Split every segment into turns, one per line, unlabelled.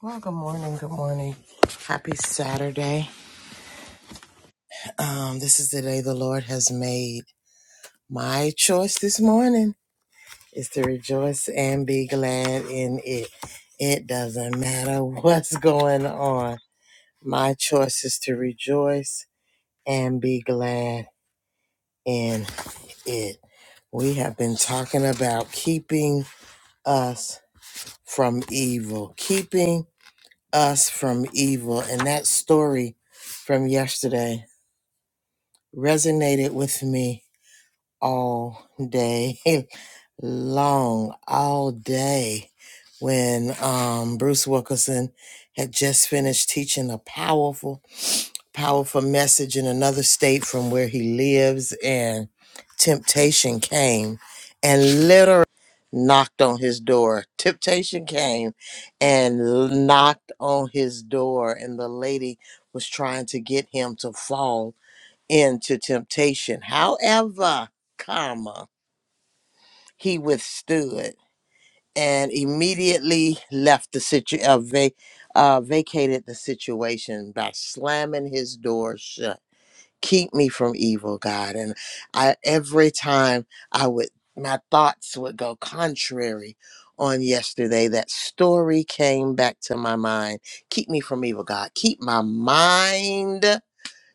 Well, good morning. Good morning. Happy Saturday. Um, this is the day the Lord has made. My choice this morning is to rejoice and be glad in it. It doesn't matter what's going on. My choice is to rejoice and be glad in it. We have been talking about keeping us from evil, keeping us from evil. And that story from yesterday resonated with me all day long, all day when um, Bruce Wilkerson had just finished teaching a powerful, powerful message in another state from where he lives, and temptation came and literally knocked on his door. Temptation came and knocked on his door, and the lady was trying to get him to fall into temptation. However, comma, he withstood and immediately left the situation, uh, va- uh, vacated the situation by slamming his door shut. Keep me from evil, God. And I, every time I would, my thoughts would go contrary on yesterday. That story came back to my mind. Keep me from evil, God. Keep my mind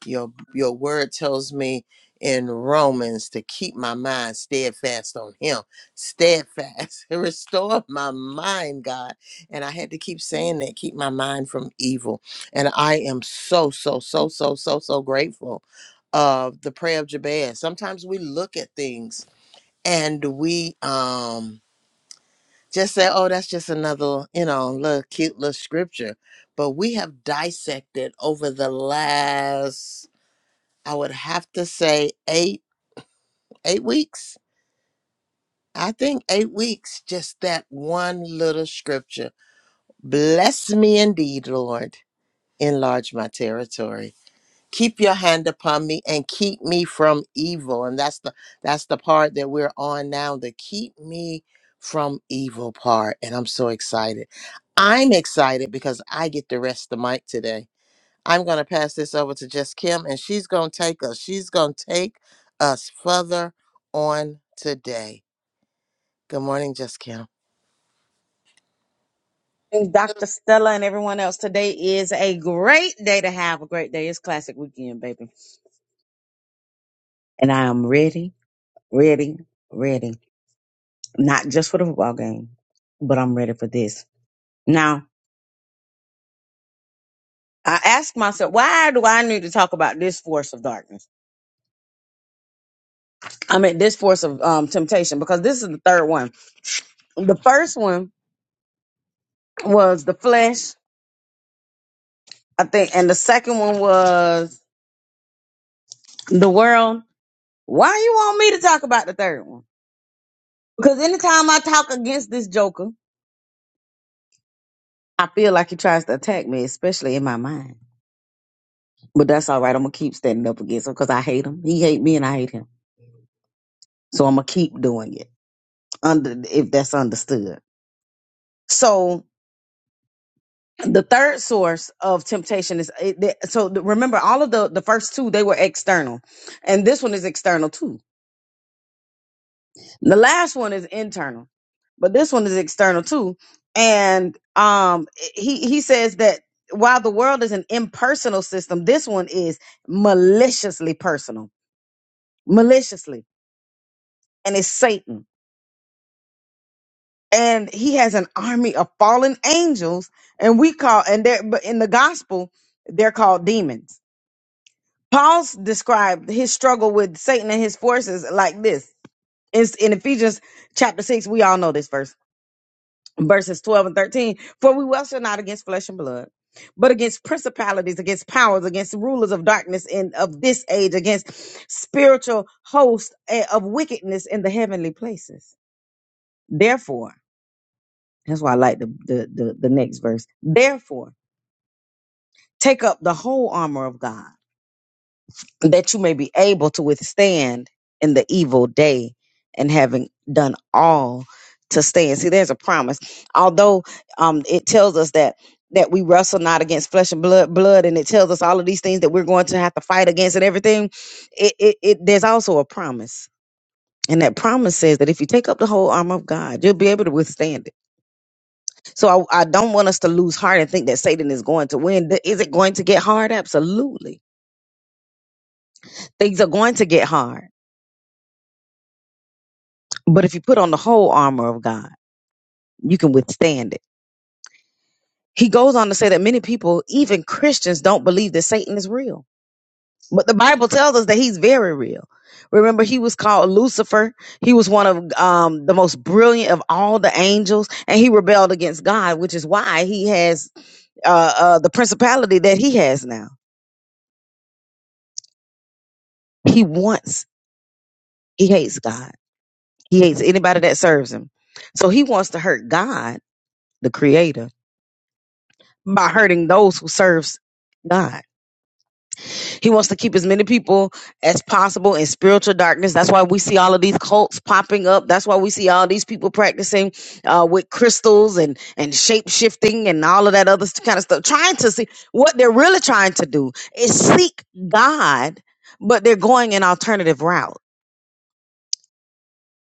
your your word tells me in Romans to keep my mind steadfast on him. Steadfast. Restore my mind, God. And I had to keep saying that, keep my mind from evil. And I am so, so, so, so, so, so grateful of the prayer of Jabez. Sometimes we look at things and we um just say, oh, that's just another, you know, little cute little scripture. But we have dissected over the last I would have to say eight eight weeks. I think eight weeks, just that one little scripture. Bless me indeed, Lord. Enlarge my territory. Keep your hand upon me and keep me from evil. And that's the that's the part that we're on now, the keep me from evil part. And I'm so excited. I'm excited because I get to rest the mic today. I'm going to pass this over to Just Kim, and she's going to take us. She's going to take us further on today. Good morning, Just Kim.
And Dr. Stella and everyone else. Today is a great day to have a great day. It's classic weekend, baby. And I am ready, ready, ready. Not just for the football game, but I'm ready for this. Now, I ask myself, why do I need to talk about this force of darkness? I mean, this force of um, temptation, because this is the third one. The first one was the flesh, I think, and the second one was the world. Why you want me to talk about the third one? Because anytime I talk against this joker, I feel like he tries to attack me, especially in my mind. But that's all right. I'm gonna keep standing up against him because I hate him. He hate me, and I hate him. So I'm gonna keep doing it. Under if that's understood. So the third source of temptation is it, the- so the- remember all of the the first two they were external, and this one is external too. The last one is internal, but this one is external too. And um, he he says that while the world is an impersonal system, this one is maliciously personal maliciously, and it's Satan. And he has an army of fallen angels, and we call and they're but in the gospel they're called demons. Paul described his struggle with Satan and his forces like this. It's in Ephesians chapter six. We all know this verse, verses twelve and thirteen. For we wrestle not against flesh and blood, but against principalities, against powers, against rulers of darkness and of this age, against spiritual hosts eh, of wickedness in the heavenly places. Therefore. That's why I like the, the the the next verse. Therefore, take up the whole armor of God, that you may be able to withstand in the evil day, and having done all to stand. See, there's a promise. Although um, it tells us that that we wrestle not against flesh and blood, blood, and it tells us all of these things that we're going to have to fight against and everything. It, it, it there's also a promise. And that promise says that if you take up the whole armor of God, you'll be able to withstand it So I, I don't want us to lose heart and think that Satan is going to win. Th- Is it going to get hard? Absolutely. Things are going to get hard. But if you put on the whole armor of God, you can withstand it. He goes on to say that many people, even Christians, don't believe that Satan is real. But the Bible tells us that he's very real. Remember, he was called Lucifer. He was one of um, the most brilliant of all the angels, and he rebelled against God, which is why he has uh, uh, the principality that he has now. He wants, he hates God He hates anybody that serves him. So he wants to hurt God, the creator, by hurting those who serves God. He wants to keep as many people as possible in spiritual darkness. That's why we see all of these cults popping up. That's why we see all these people practicing uh, with crystals and and shape shifting and all of that other kind of stuff. Trying to see what they're really trying to do is seek God, but they're going an alternative route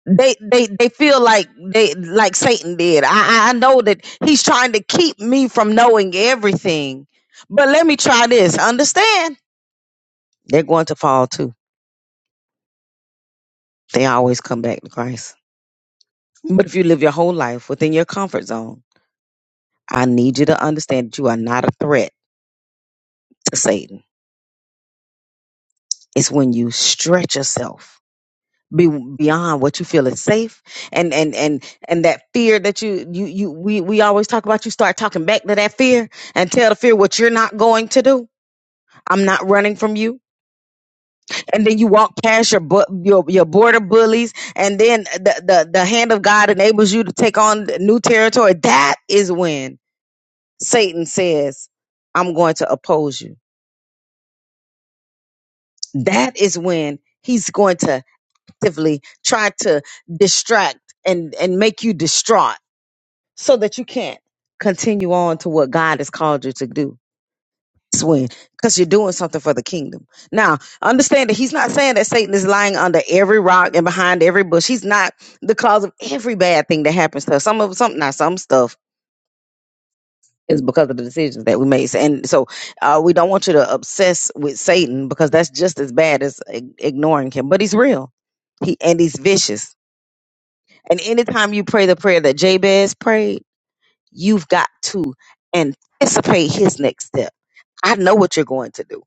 they they they feel like they like Satan did. I I I know that he's trying to keep me from knowing everything. But let me try this. Understand? They're going to fall too. They always come back to Christ. But if you live your whole life within your comfort zone, I need you to understand that you are not a threat to Satan. It's when you stretch yourself be beyond what you feel is safe and and and and that fear that you you you we we always talk about you start talking back to that fear and tell the fear what you're not going to do i'm not running from you and then you walk past your bu- your your border bullies and then the, the the hand of god enables you to take on new territory that is when satan says i'm going to oppose you that is when he's going to actively try to distract and and make you distraught so that you can't continue on to what God has called you to do. Swing, because you're doing something for the kingdom. Now, understand that he's not saying that Satan is lying under every rock and behind every bush. He's not the cause of every bad thing that happens to us. Some of some now some stuff is because of the decisions that we made. And so uh, we don't want you to obsess with Satan because that's just as bad as ig- ignoring him. But he's real. He and he's vicious. And anytime you pray the prayer that Jabez prayed. You've got to anticipate his next step. I know what you're going to do.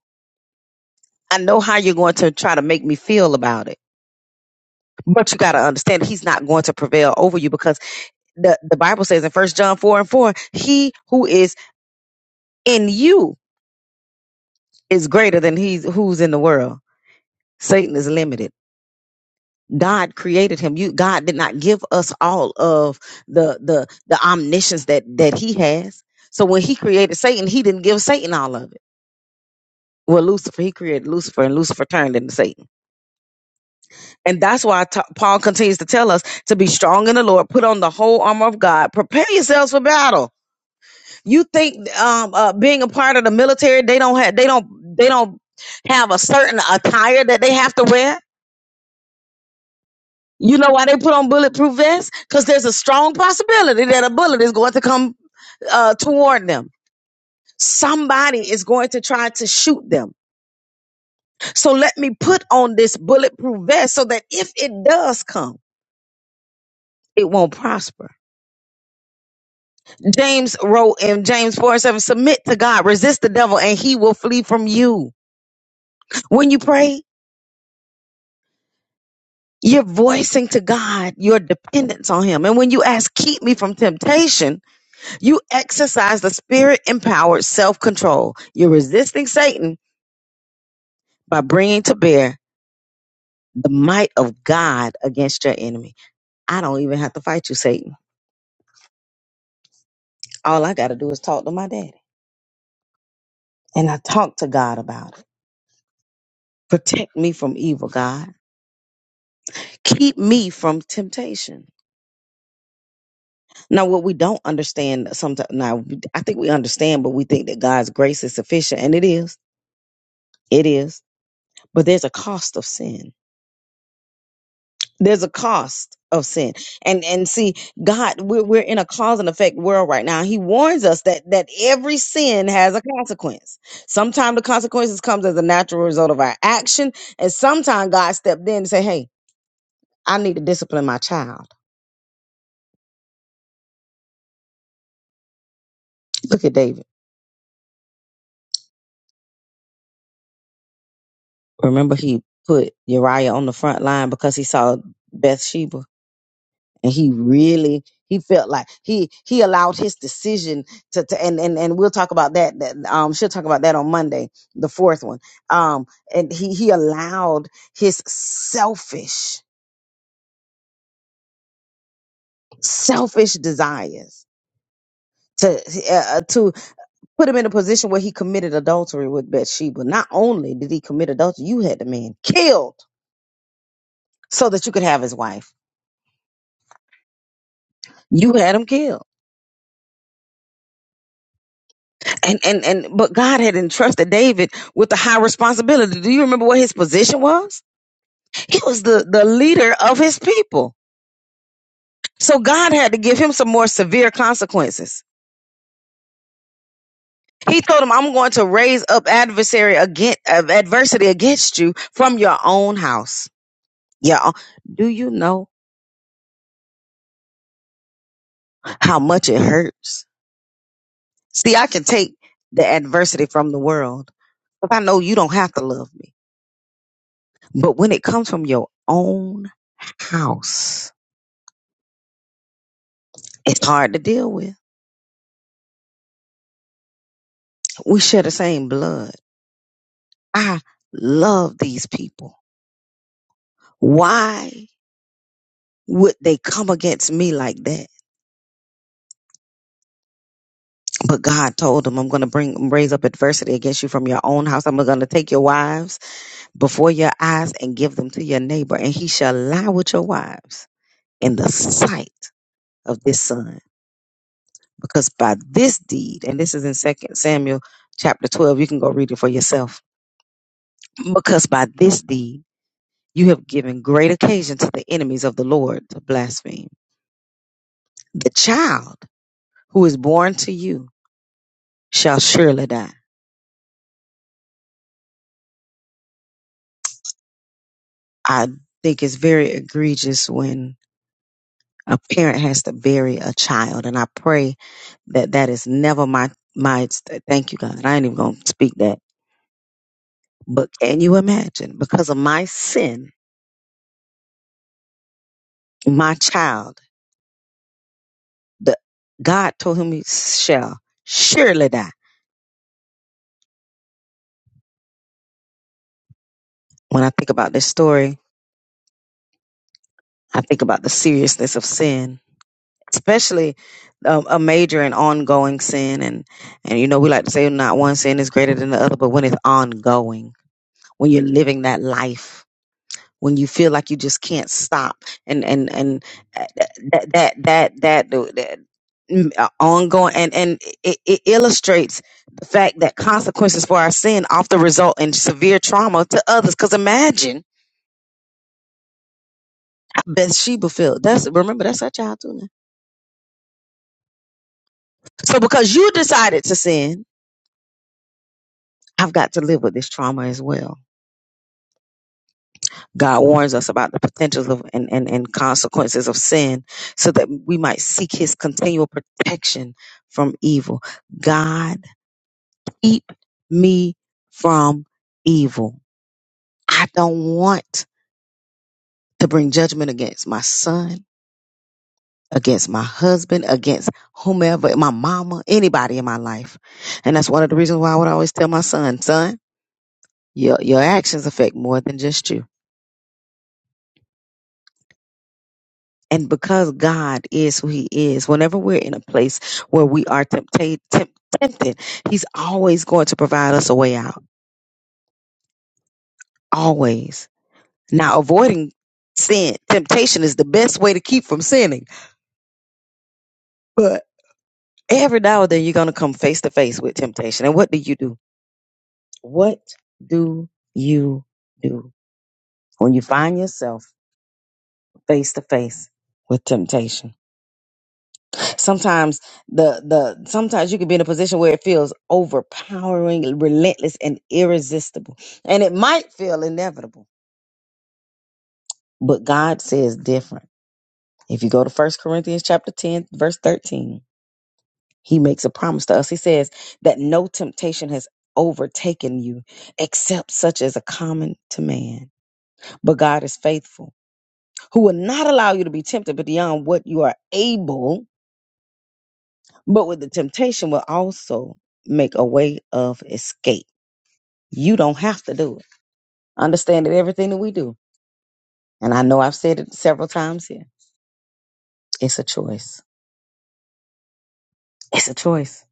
I know how you're going to try to make me feel about it. But you got to understand he's not going to prevail over you because the, the Bible says in First John 4 and 4, he who is in you is greater than he's who's in the world. Satan is limited. God created him. You God did not give us all of the the the omniscience that that he has. So when he created Satan, he didn't give Satan all of it well lucifer he created lucifer and lucifer turned into satan and that's why t- paul continues to tell us to be strong in the lord put on the whole armor of god prepare yourselves for battle you think um uh, being a part of the military they don't have they don't they don't have a certain attire that they have to wear you know why they put on bulletproof vests because there's a strong possibility that a bullet is going to come uh, toward them somebody is going to try to shoot them so let me put on this bulletproof vest so that if it does come it won't prosper. James wrote in James 4 and 7 Submit to God, resist the devil, and he will flee from you. When you pray, you're voicing to God your dependence on him. And when you ask, Keep me from temptation, you exercise the spirit empowered self control. You're resisting Satan by bringing to bear the might of God against your enemy. I don't even have to fight you, Satan. All I got to do is talk to my daddy. And I talk to God about it. Protect me from evil, God. keep me from temptation. Now, what we don't understand sometimes, now we- I think we understand, but we think that God's grace is sufficient, and it is, it is. But there's a cost of sin. There's a cost of sin, and and see, God, we're we're in a cause and effect world right now. He warns us that that every sin has a consequence. Sometimes the consequences comes as a natural result of our action, and sometimes God stepped in and say, "Hey, I need to discipline my child." Look at David. Remember, he put Uriah on the front line because he saw Bathsheba, and he really he felt like he he allowed his decision to, to and and and we'll talk about that. That um, she'll talk about that on Monday, the fourth one. Um, and he he allowed his selfish selfish desires to uh, uh, to put him in a position where he committed adultery with Bathsheba. Not only did he commit adultery, you had the man killed so that you could have his wife. You had him killed and and and but God had entrusted David with a high responsibility. Do you remember what his position was? He was the the leader of his people. So God had to give him some more severe consequences. He told him, "I'm going to raise up adversary against adversity against you from your own house." Yeah, do you know how much it hurts? See, I can take the adversity from the world, but I know you don't have to love me. But when it comes from your own house, It's hard to deal with. We share the same blood. I love these people. Why would they come against me like that? But God told them, I'm going to bring raise up adversity against you from your own house. I'm going to take your wives before your eyes and give them to your neighbor, and he shall lie with your wives in the sight of this son. Because by this deed, and this is in Second Samuel chapter 12, you can go read it for yourself. Because by this deed, You have given great occasion to the enemies of the Lord to blaspheme. The child who is born to you shall surely die. I think it's very egregious when a parent has to bury a child, and I pray that that is never my my. Thank you, God. I ain't even gonna speak that. But can you imagine? Because of my sin, my child, the God told him he shall surely die. When I think about this story, I think about the seriousness of sin especially um, a major and ongoing sin and and you know we like to say not one sin is greater than the other but when it's ongoing when you're living that life when you feel like you just can't stop and and and uh, that that that that, that mm, uh, ongoing and and it, it illustrates the fact that consequences for our sin often result in severe trauma to others because imagine how Bathsheba felt that's remember that's our child too now. so because you decided to sin I've got to live with this trauma as well. God warns us about the potentials of and, and, and consequences of sin so that we might seek his continual protection from evil. God, keep me from evil. I don't want to bring judgment against my son, against my husband, against whomever, my mama, anybody in my life. And that's one of the reasons why I would always tell my son, son, your, your actions affect more than just you And because God is who He is, whenever we're in a place where we are tempted, tempted, He's always going to provide us a way out. Always. Now, avoiding sin, temptation is the best way to keep from sinning. But every now and then you're going to come face to face with temptation. And what do you do? What do you do when you find yourself face to face with temptation? sometimes the the sometimes you can be in a position where it feels overpowering relentless and irresistible and it might feel inevitable but god says different if you go to First corinthians chapter 10 verse 13 he makes a promise to us he says that no temptation has overtaken you except such as a common to man but god is faithful who will not allow you to be tempted but beyond what you are able but with the temptation will also make a way of escape You don't have to do it. Understand that everything that we do, and I know I've said it several times here, it's a choice. It's a choice.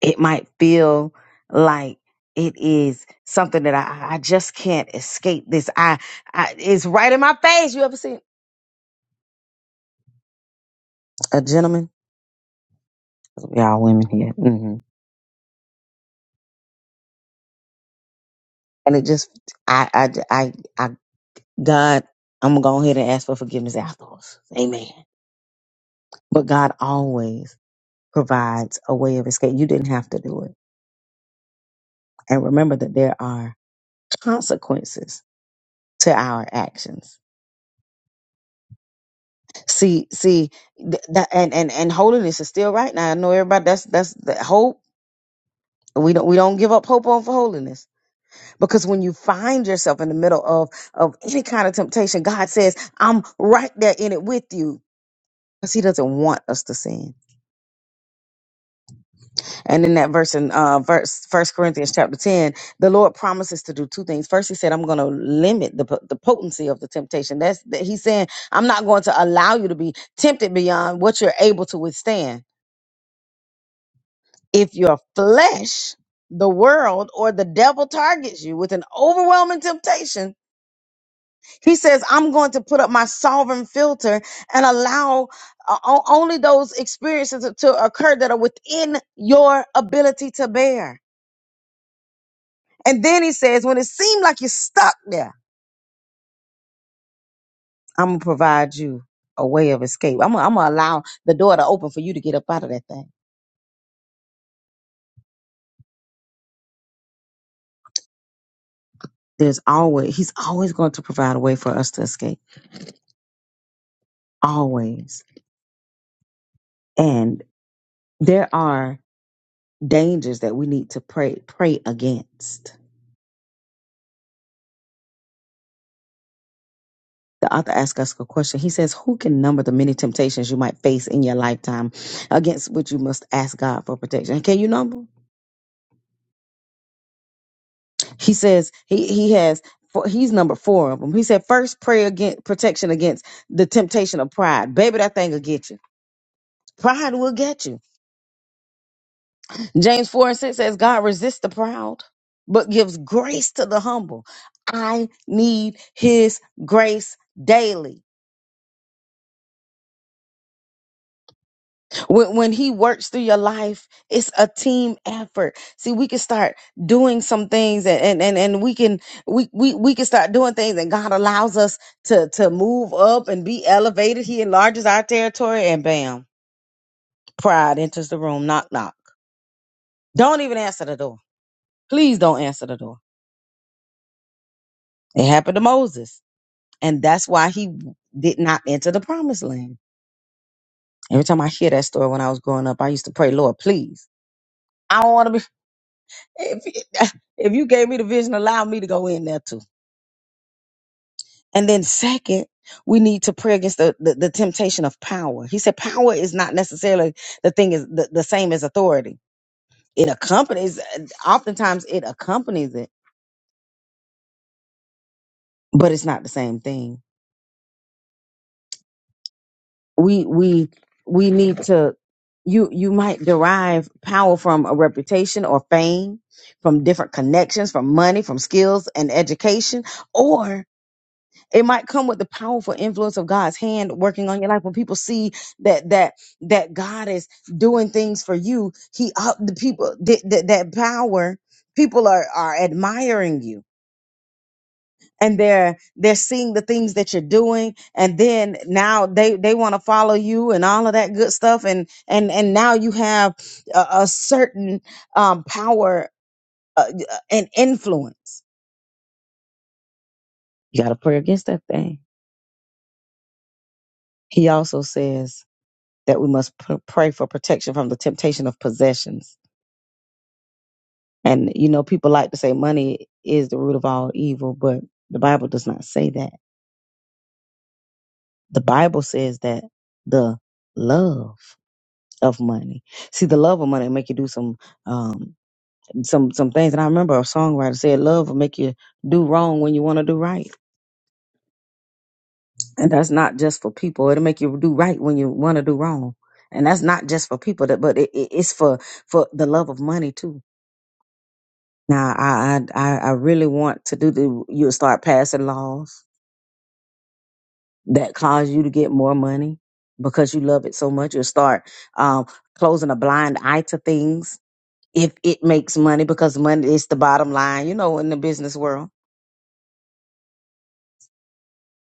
It might feel like it is something that I, I just can't escape this. I, I it's right in my face. You ever seen a gentleman? We all women here, hmm and it just I, I I I God, I'm gonna go ahead and ask for forgiveness afterwards. Amen. But God always provides a way of escape. You didn't have to do it. And remember that there are consequences to our actions. See, see, th- that and and and holiness is still right now. I know everybody. That's that's the hope. We don't we don't give up hope on for holiness because when you find yourself in the middle of of any kind of temptation, God says, "I'm right there in it with you," because He doesn't want us to sin. And in that verse in uh, verse First Corinthians chapter ten, the Lord promises to do two things. First, He said, "I'm going to limit the po- the potency of the temptation." That's that He's saying, "I'm not going to allow you to be tempted beyond what you're able to withstand." If your flesh, the world, or the devil targets you with an overwhelming temptation, He says, "I'm going to put up my sovereign filter and allow." uh, o- Only those experiences to occur that are within your ability to bear And then he says, when it seemed like you're stuck there, I'm gonna provide you a way of escape. I'm gonna, allow the door to open for you to get up out of that thing. There's always he's always going to provide a way for us to escape. Always. And there are dangers that we need to pray pray against. The author asks us a question. He says, Who can number the many temptations you might face in your lifetime against which you must ask God for protection? Can you number? he says he he has four- he's number four of them. He said first pray against protection against the temptation of pride. Baby, that thing will get you. Pride will get you. James four and six says God resists the proud, but gives grace to the humble. I need His grace daily. when, when he works through your life it's a team effort see we can start doing some things and and and, and we can we, we we can start doing things and god allows us to to move up and be elevated he enlarges our territory and bam pride enters the room knock knock don't even answer the door please don't answer the door it happened to moses and that's why he did not enter the promised land every time i hear that story when i was growing up i used to pray lord please I don't want to be. If, if you gave me the vision, allow me to go in there too. And then second, we need to pray against the, the, the temptation of power. He said power is not necessarily the thing is the, the same as authority. It accompanies oftentimes it accompanies it, but it's not the same thing. We we we need to you you might derive power from a reputation or fame, from different connections, from money, from skills and education, or. It might come with the powerful influence of God's hand working on your life. When people see that that that God is doing things for you, He up the people that that that power. People are are admiring you, and they're they're seeing the things that you're doing, and then now they they want to follow you and all of that good stuff, and and and now you have a, a certain um, power uh, and influence. You got to pray against that thing. He also says that we must p- pray for protection from the temptation of possessions. And, you know, people like to say money is the root of all evil, but the Bible does not say that. The Bible says that the love of money. See, the love of money will make you do some, um, some, some things. And I remember a songwriter said, love will make you do wrong when you want to do right. And that's not just for people. It'll make you do right when you want to do wrong. And that's not just for people that, but it, it- it's for, for the love of money too Now, I, I, I I really want to do the, you'll start passing laws that cause you to get more money because you love it so much. You'll start um, closing a blind eye to things if it makes money because money is the bottom line, you know, in the business world.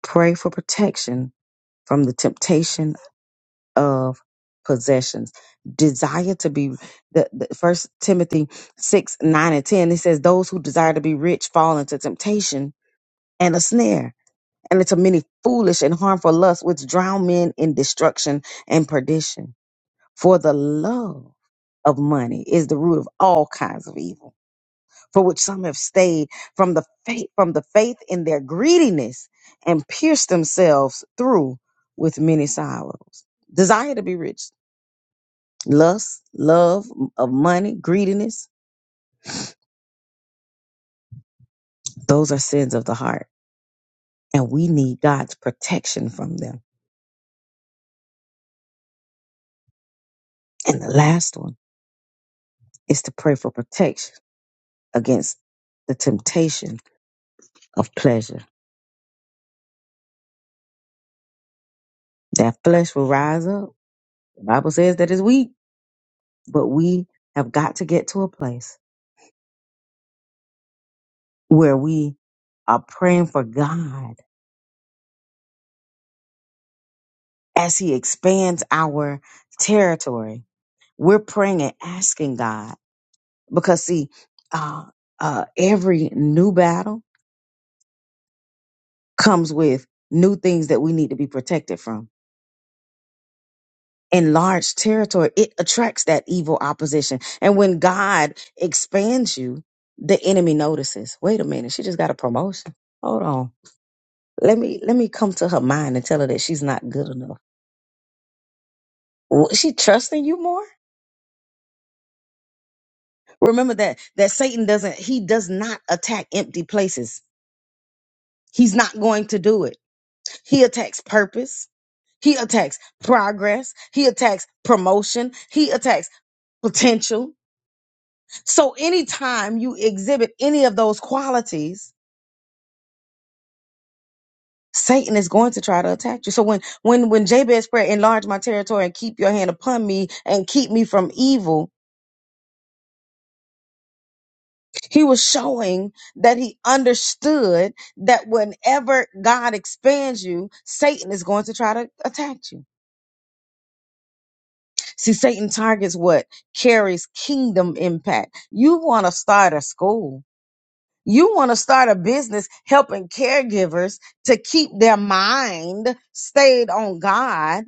Pray for protection from the temptation of possessions. Desire to be the, the first Timothy six, nine, and ten. It says, Those who desire to be rich fall into temptation and a snare and into many foolish and harmful lusts which drown men in destruction and perdition. For the love of money is the root of all kinds of evil, for which some have stayed from the faith from the faith in their greediness and pierced themselves through with many sorrows. Desire to be rich, lust, love of money, greediness, those are sins of the heart, and we need God's protection from them. And the last one is to pray for protection against the temptation of pleasure. That flesh will rise up. The Bible says that it's weak, but we have got to get to a place where we are praying for God as He expands our territory. We're praying and asking God because, see, uh, uh, every new battle comes with new things that we need to be protected from in large territory, it attracts that evil opposition. And when God expands you, the enemy notices. Wait a minute, she just got a promotion. Hold on. Let me let me come to her mind and tell her that she's not good enough. Wh- She trusting you more? Remember that that Satan doesn't he does not attack empty places. He's not going to do it. He attacks purpose. He attacks progress. He attacks promotion. He attacks potential So anytime you exhibit any of those qualities, Satan is going to try to attack you. So when when when Jabez prayed, enlarge my territory and keep your hand upon me and keep me from evil, he was showing that he understood that whenever God expands you, Satan is going to try to attack you. See, Satan targets what carries kingdom impact. You want to start a school You want to start a business helping caregivers to keep their mind stayed on God.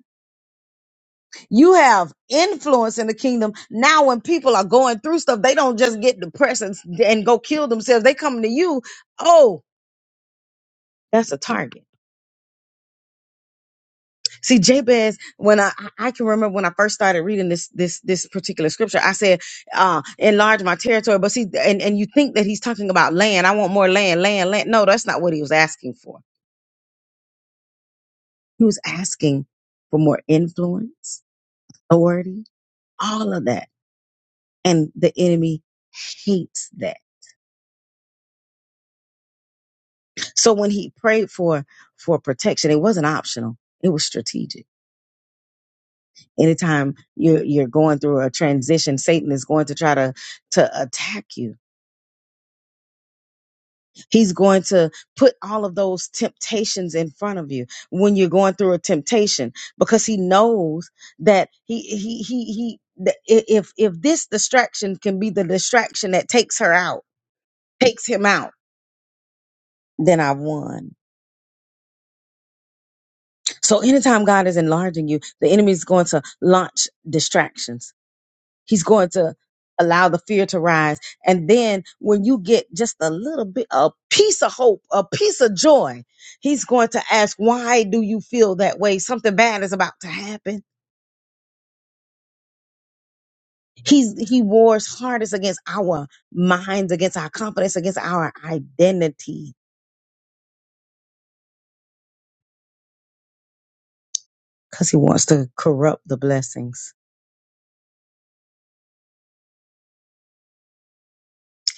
You have influence in the kingdom. Now, when people are going through stuff, they don't just get depressed and, and go kill themselves. They come to you. Oh, that's a target. See, Jabez, when I, I I can remember when I first started reading this, this, this particular scripture, I said, uh, enlarge my territory. But see, and, and you think that he's talking about land. I want more land, land, land. No, that's not what he was asking for. He was asking for more influence, authority, all of that. And the enemy hates that. So when he prayed for for protection, it wasn't optional. It was strategic. Anytime you're you're going through a transition, Satan is going to try to to attack you He's going to put all of those temptations in front of you when you're going through a temptation because he knows that he he he he that i- if if this distraction can be the distraction that takes her out, takes him out, then I've won. So anytime God is enlarging you, the enemy is going to launch distractions He's going to allow the fear to rise. And then when you get just a little bit, a piece of hope, a piece of joy, he's going to ask, why do you feel that way? Something bad is about to happen. He's, he wars hardest against our minds, against our confidence, against our identity, because he wants to corrupt the blessings.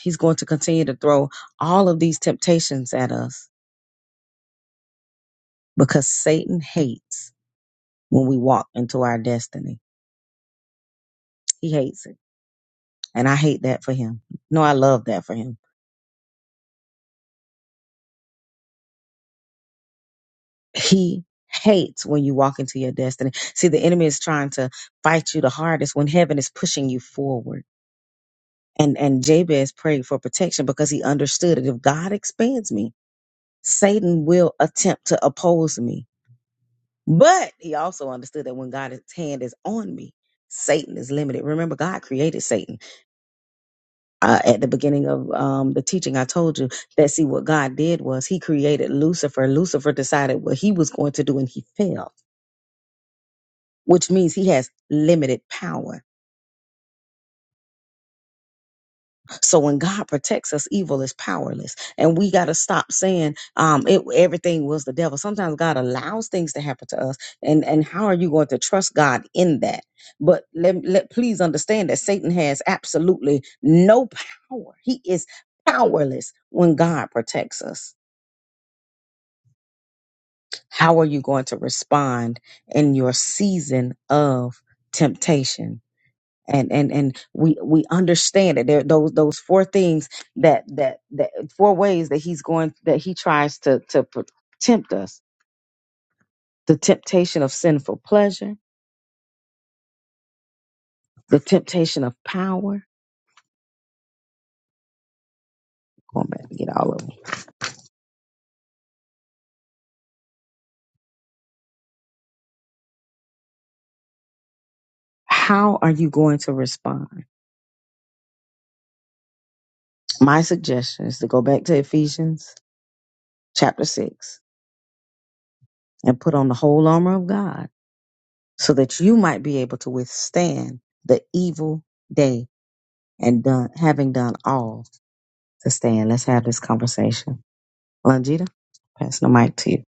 He's going to continue to throw all of these temptations at us because Satan hates when we walk into our destiny. He hates it. And I hate that for him. No, I love that for him. He hates when you walk into your destiny. See, the enemy is trying to fight you the hardest when heaven is pushing you forward. And and Jabez prayed for protection because he understood that if God expands me, Satan will attempt to oppose me. But he also understood that when God's hand is on me, Satan is limited. Remember, God created Satan. uh, at the beginning of um, the teaching, I told you that see what God did was He created Lucifer. Lucifer decided what he was going to do, and he failed, which means he has limited power. So when God protects us, evil is powerless, and we got to stop saying um, it, everything was the devil. Sometimes God allows things to happen to us, and and how are you going to trust God in that? But let, let please understand that Satan has absolutely no power. He is powerless when God protects us. How are you going to respond in your season of temptation? And and and we we understand that there those those four things that that that four ways that he's going that he tries to to pr- tempt us. The temptation of sinful pleasure, the temptation of power. Going back to get all of them. How are you going to respond? My suggestion is to go back to Ephesians chapter six and put on the whole armor of God so that you might be able to withstand the evil day and done, having done all to stand. Let's have this conversation. Longita, pass the mic to you.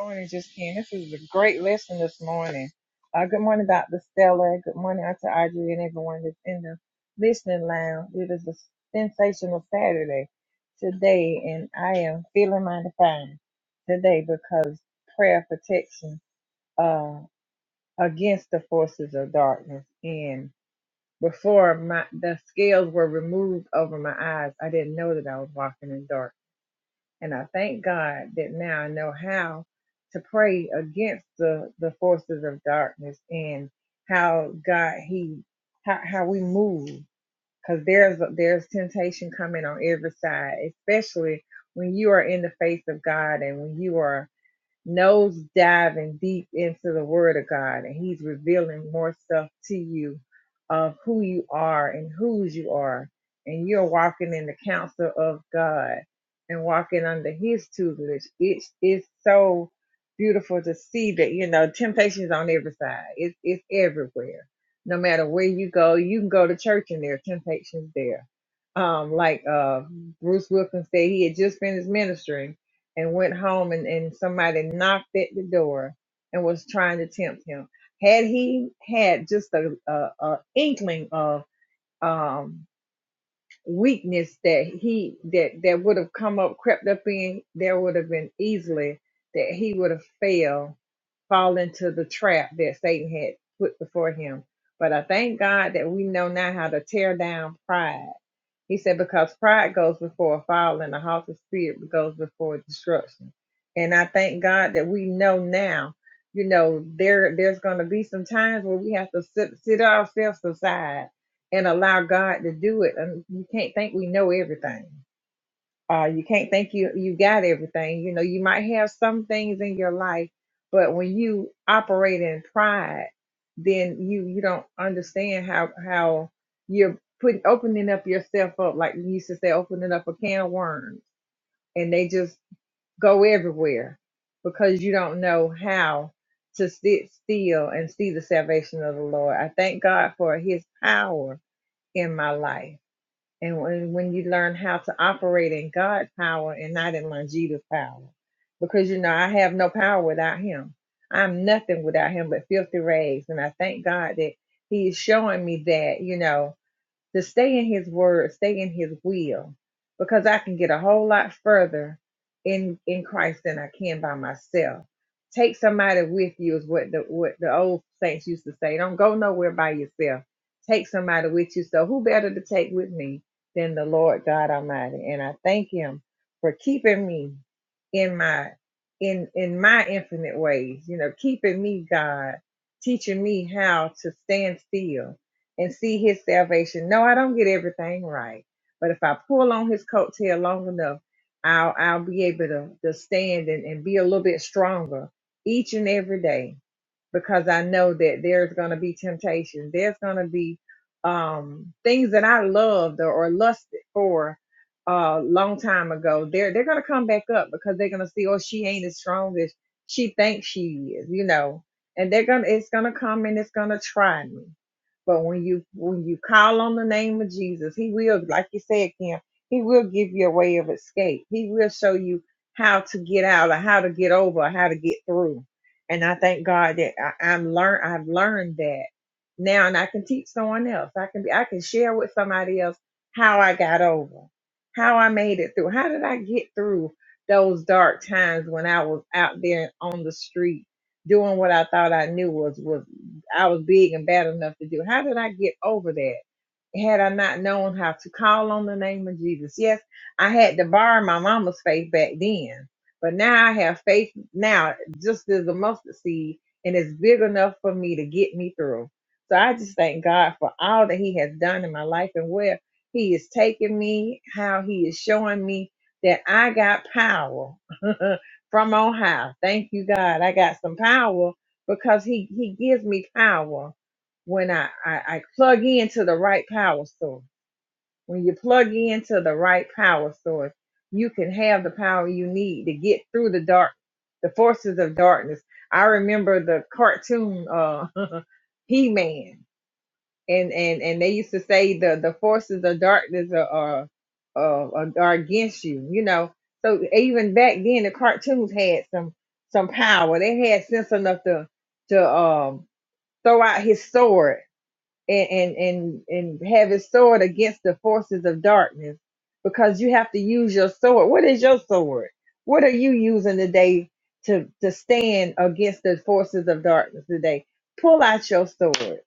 morning, just came. This is a great lesson this morning. Uh, good morning, Dr. Stella. Good morning, Dr. Audrey, and everyone that's in the listening lounge. It is a sensational Saturday today, and I am feeling my divine today because prayer protection uh, against the forces of darkness. And before my the scales were removed over my eyes, I didn't know that I was walking in darkness. And I thank God that now I know how to pray against the, the forces of darkness and how God He how, how we move because there's there's temptation coming on every side, especially when you are in the face of God and when you are nose diving deep into the Word of God, and He's revealing more stuff to you of who you are and whose you are, and you're walking in the counsel of God and walking under His tutelage. It is so beautiful to see that you know temptations on every side. It's it's everywhere. No matter where you go, you can go to church and there are temptations there. Um, like uh, Bruce Wilkins said, he had just finished ministering and went home and, and somebody knocked at the door and was trying to tempt him. Had he had just a, a, a inkling of um, weakness that he that that would have come up crept up in, there would have been easily that he would have failed, fall into the trap that Satan had put before him. But I thank God that we know now how to tear down pride he said, because pride goes before a fall and a haughty spirit goes before destruction. And I thank God that we know now, you know, there there's gonna be some times where we have to sit sit ourselves aside and allow God to do it. And we can't think we know everything uh, you can't think you you got everything. You know, you might have some things in your life, but when you operate in pride, then you you don't understand how how you're putting opening up yourself up like you used to say, opening up a can of worms, and they just go everywhere because you don't know how to sit still and see the salvation of the Lord. I thank God for His power in my life and when, when you learn how to operate in God's power and not in Longita's power, because you know, I have no power without him. I'm nothing without him but filthy rags. And I thank God that he is showing me that, you know, to stay in his word, stay in his will, because I can get a whole lot further in in Christ than I can by myself. Take somebody with you is what the what the old saints used to say. Don't go nowhere by yourself. Take somebody with you. So who better to take with me than the Lord God Almighty? And I thank him for keeping me in my in in my infinite ways, you know, keeping me God, teaching me how to stand still and see his salvation. No, I don't get everything right, but if I pull on his coattail long enough, I'll I'll be able to, to stand and, and be a little bit stronger each and every day because I know that there's going to be temptations. There's going to be um, things that I loved or, or lusted for a uh, long time ago. They're they're going to come back up because they're going to see, oh, she ain't as strong as she thinks she is, you know. And they're gonna, it's gonna come and it's gonna try me. But when you when you call on the name of Jesus, He will, like you said, Kim, He will give you a way of escape. He will show you how to get out or how to get over or how to get through and I thank God that I, I'm learn I've learned that now and I can teach someone else. I can be I can share with somebody else how I got over, how I made it through. How did I get through those dark times when I was out there on the street doing what I thought I knew was was I was big and bad enough to do. How did I get over that? had I not known how to call on the name of Jesus. Yes, I had to borrow my mama's faith back then, but now I have faith now just as a mustard seed and it's big enough for me to get me through. So I just thank God for all that He has done in my life and where He is taking me, how He is showing me that I got power from on high. Thank you, God. I got some power because He He gives me power when I, I, I plug into the right power source. When you plug into the right power source, you can have the power you need to get through the dark, the forces of darkness. I remember the cartoon uh, He Man, and and and they used to say the the forces of darkness are are, are are against you. You know, so even back then the cartoons had some some power. They had sense enough to to um throw out his sword and and and, and have his sword against the forces of darkness because you have to use your sword what is your sword what are you using today to to stand against the forces of darkness today pull out your sword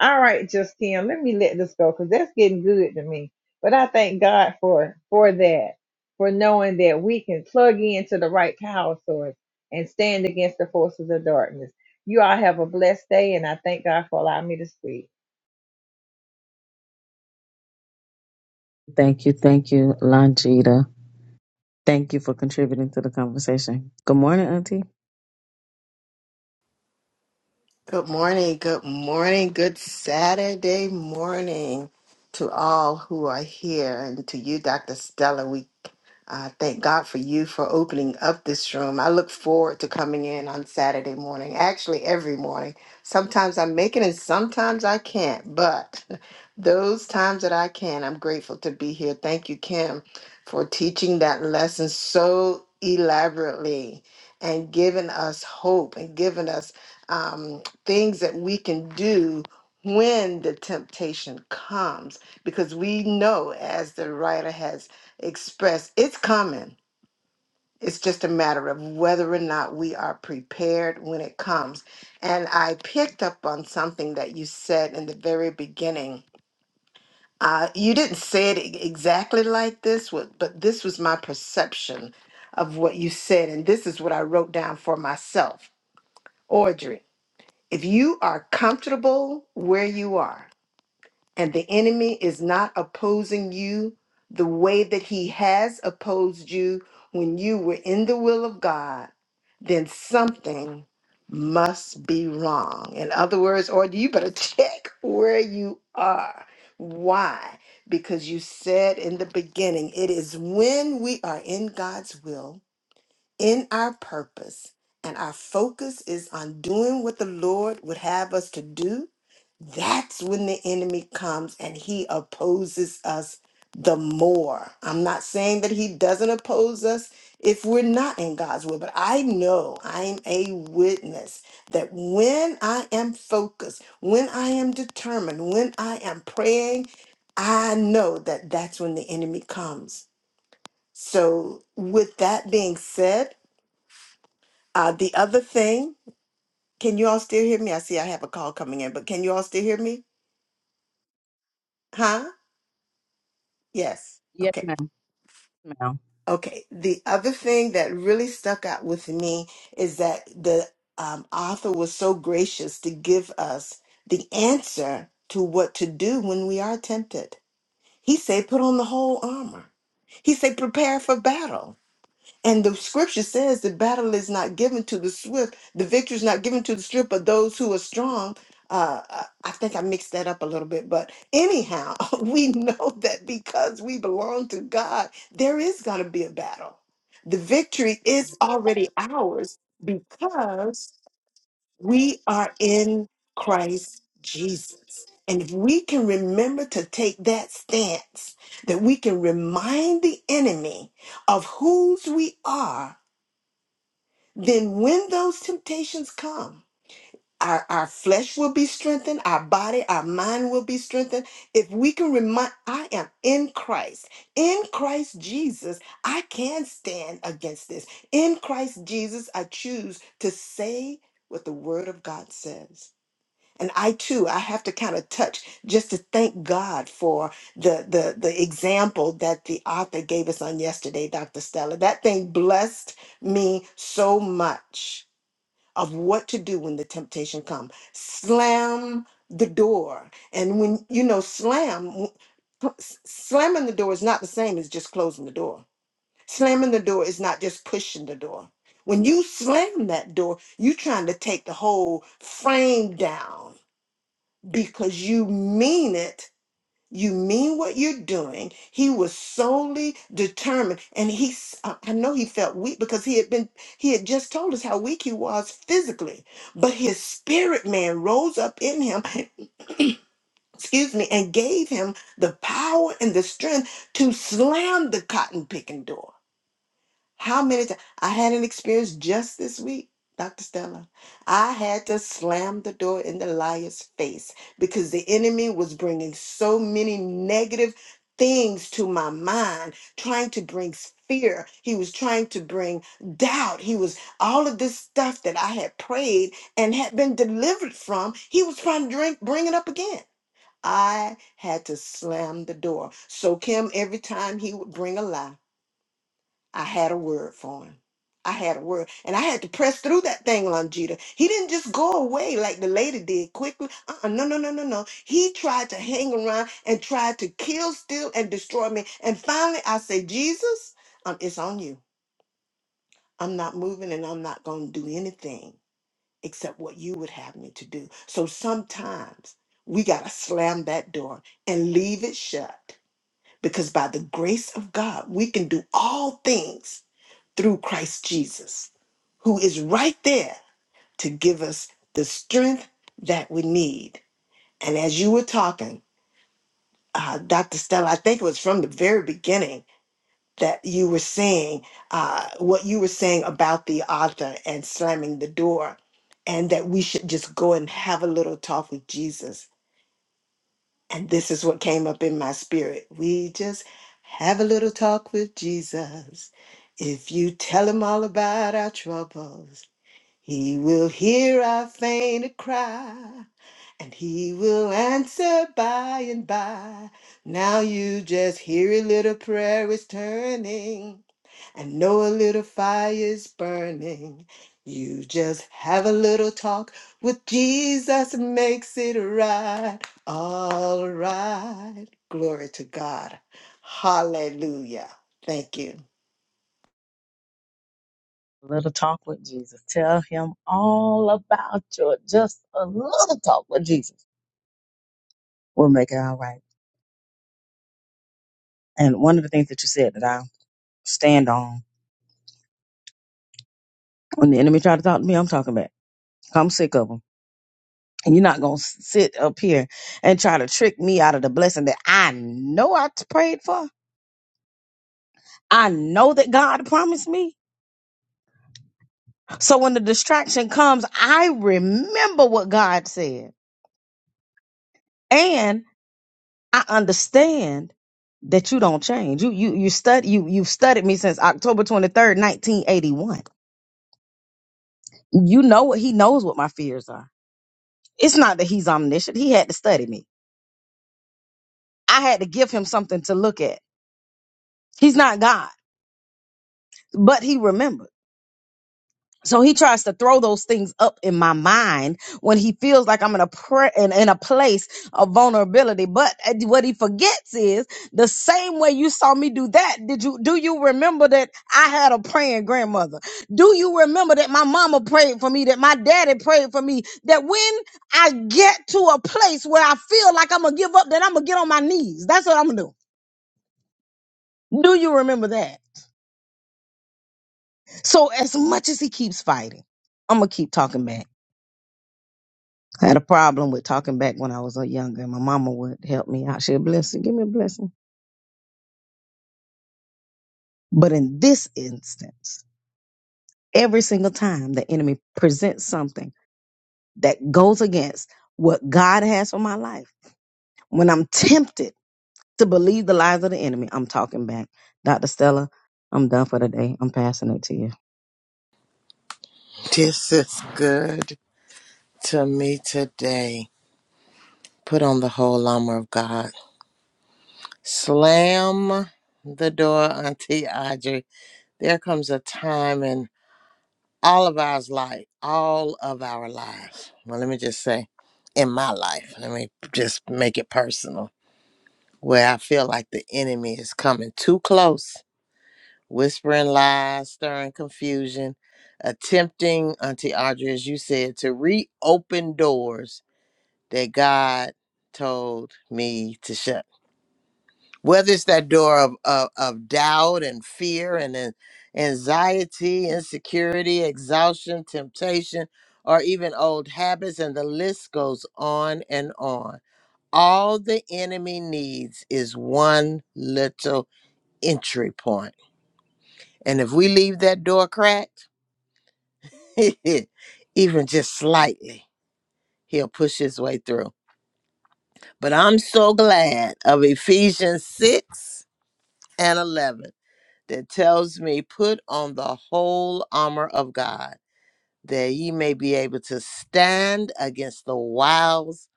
all right just let me let this go because that's getting good to me but i thank god for for that for knowing that we can plug into the right power source and stand against the forces of darkness you all have a blessed day and i thank god for allowing me to speak
Thank you. Thank you, Longita. Thank you for contributing to the conversation. Good morning, Auntie.
Good morning, good morning, good Saturday morning to all who are here and to you, Dr. Stella. We uh, thank God for you for opening up this room. I look forward to coming in on Saturday morning, actually, every morning. Sometimes I make it and sometimes I can't, but those times that I can, I'm grateful to be here. Thank you, Kim, for teaching that lesson so elaborately and giving us hope and giving us. Um, things that we can do when the temptation comes because we know as the writer has expressed it's coming it's just a matter of whether or not we are prepared when it comes and i picked up on something that you said in the very beginning uh, you didn't say it e- exactly like this wa- but this was my perception of what you said and this is what i wrote down for myself Audrey. If you are comfortable where you are and the enemy is not opposing you the way that he has opposed you when you were in the will of God, then something must be wrong. In other words, or you better check where you are. Why? Because you said in the beginning, it is when we are in God's will in our purpose, and our focus is on doing what the Lord would have us to do, that's when the enemy comes and he opposes us the more. I'm not saying that he doesn't oppose us if we're not in God's will, but I know I'm a witness that when I am focused, when I am determined, when I am praying, I know that that's when the enemy comes. So, with that being said, uh, the other thing, can you all still hear me? I see I have a call coming in, but can you all still hear me? Huh? Yes.
Yes,
Okay.
ma'am. Yes, Ma'am.
Okay. The other thing that really stuck out with me is that the um, author was so gracious to give us the answer to what to do when we are tempted. He said, put on the whole armor. He said, prepare for battle. And the scripture says the battle is not given to the swift, the victory is not given to the swift, but those who are strong. Uh, I I think I mixed that up a little bit, but anyhow, we know that because we belong to God, there is going to be a battle. The victory is already ours because we are in Christ Jesus. And if we can remember to take that stance, that we can remind the enemy of whose we are, then when those temptations come, our, our flesh will be strengthened, our body, our mind will be strengthened. If we can remind, I am in Christ. In Christ Jesus, I can stand against this. In Christ Jesus, I choose to say what the word of God says. And I too, I have to kind of touch just to thank God for the the the example that the author gave us on yesterday, Dr. Stella. That thing blessed me so much of what to do when the temptation comes. Slam the door. And when you know slam s- slamming the door is not the same as just closing the door. Slamming the door is not just pushing the door. When you slam that door, you're trying to take the whole frame down because you mean it. You mean what you're doing. He was solely determined, and he. s- I I know he felt weak because he had been. He had just told us how weak he was physically, but his spirit man rose up in him. Excuse me, and gave him the power and the strength to slam the cotton picking door. How many times? I had an experience just this week, Dr. Stella. I had to slam the door in the liar's face because the enemy was bringing so many negative things to my mind, trying to bring fear. He was trying to bring doubt. He was all of this stuff that I had prayed and had been delivered from. He was trying to drink, bring it up again. I had to slam the door. So, Kim, every time he would bring a lie, I had a word for him. I had a word. And I had to press through that thing, Longita. He didn't just go away like the lady did quickly. Uh-uh, no, no, no, no, no. He tried to hang around and tried to kill, steal, and destroy me. And finally, I say, Jesus, um, it's on you. I'm not moving and I'm not going to do anything except what you would have me to do. So sometimes we got to slam that door and leave it shut because by the grace of God, we can do all things through Christ Jesus, who is right there to give us the strength that we need. And as you were talking, uh, Dr. Stella, I think it was from the very beginning that you were saying uh, what you were saying about the author and slamming the door, and that we should just go and have a little talk with Jesus. And this is what came up in my spirit. We just have a little talk with Jesus. If you tell him all about our troubles, He will hear our faint cry, and he will answer by and by. Now you just hear a little prayer is turning, and know a little fire is burning. You just have a little talk with Jesus, and makes it right, all right. Glory to God. Hallelujah. Thank you.
A little talk with Jesus. Tell him all about your just a little talk with Jesus. We'll make it all right. And one of the things that you said that I stand on when the enemy tried to talk to me, I'm talking back. I'm sick of 'em. You're not going to sit up here and try to trick me out of the blessing that I know I t- prayed for. I know that God promised me. So when the distraction comes, I remember what God said. And I understand that you don't change. You you you study you you've studied me since October 23rd, 1981. You know what he knows what my fears are. It's not that he's omniscient. He had to study me. I had to give him something to look at. He's not God, but he remembers. So he tries to throw those things up in my mind when he feels like I'm in a prayer in, in a place of vulnerability. But uh, what he forgets is the same way you saw me do that. Did you do you remember that I had a praying grandmother? Do you remember that my mama prayed for me, that my daddy prayed for me? That when I get to a place where I feel like I'm gonna give up, then I'm gonna get on my knees. That's what I'm gonna do. Do you remember that? So as much as he keeps fighting, I'm gonna keep talking back I had a problem with talking back when I was uh, younger, and my mama would help me out. She'd bless you, give me a blessing. But in this instance, every single time the enemy presents something that goes against what God has for my life, when I'm tempted to believe the lies of the enemy, I'm talking back. Dr. Stella, I'm done for the day. I'm passing it to you.
This is good to me today. Put on the whole armor of God. Slam the door, Auntie Audrey. There comes a time in all of our life, all of our lives. Well, let me just say, in my life, let me just make it personal where I feel like the enemy is coming too close, whispering lies, stirring confusion, attempting, Auntie Audrey, as you said, to reopen doors that God told me to shut. Whether it's that door of, of, of doubt and fear and an- anxiety, insecurity, exhaustion, temptation, or even old habits, and the list goes on and on. All the enemy needs is one little entry point. And if we leave that door cracked, even just slightly, he'll push his way through. But I'm so glad of Ephesians 6 and 11 that tells me, put on the whole armor of God, that ye may be able to stand against the wiles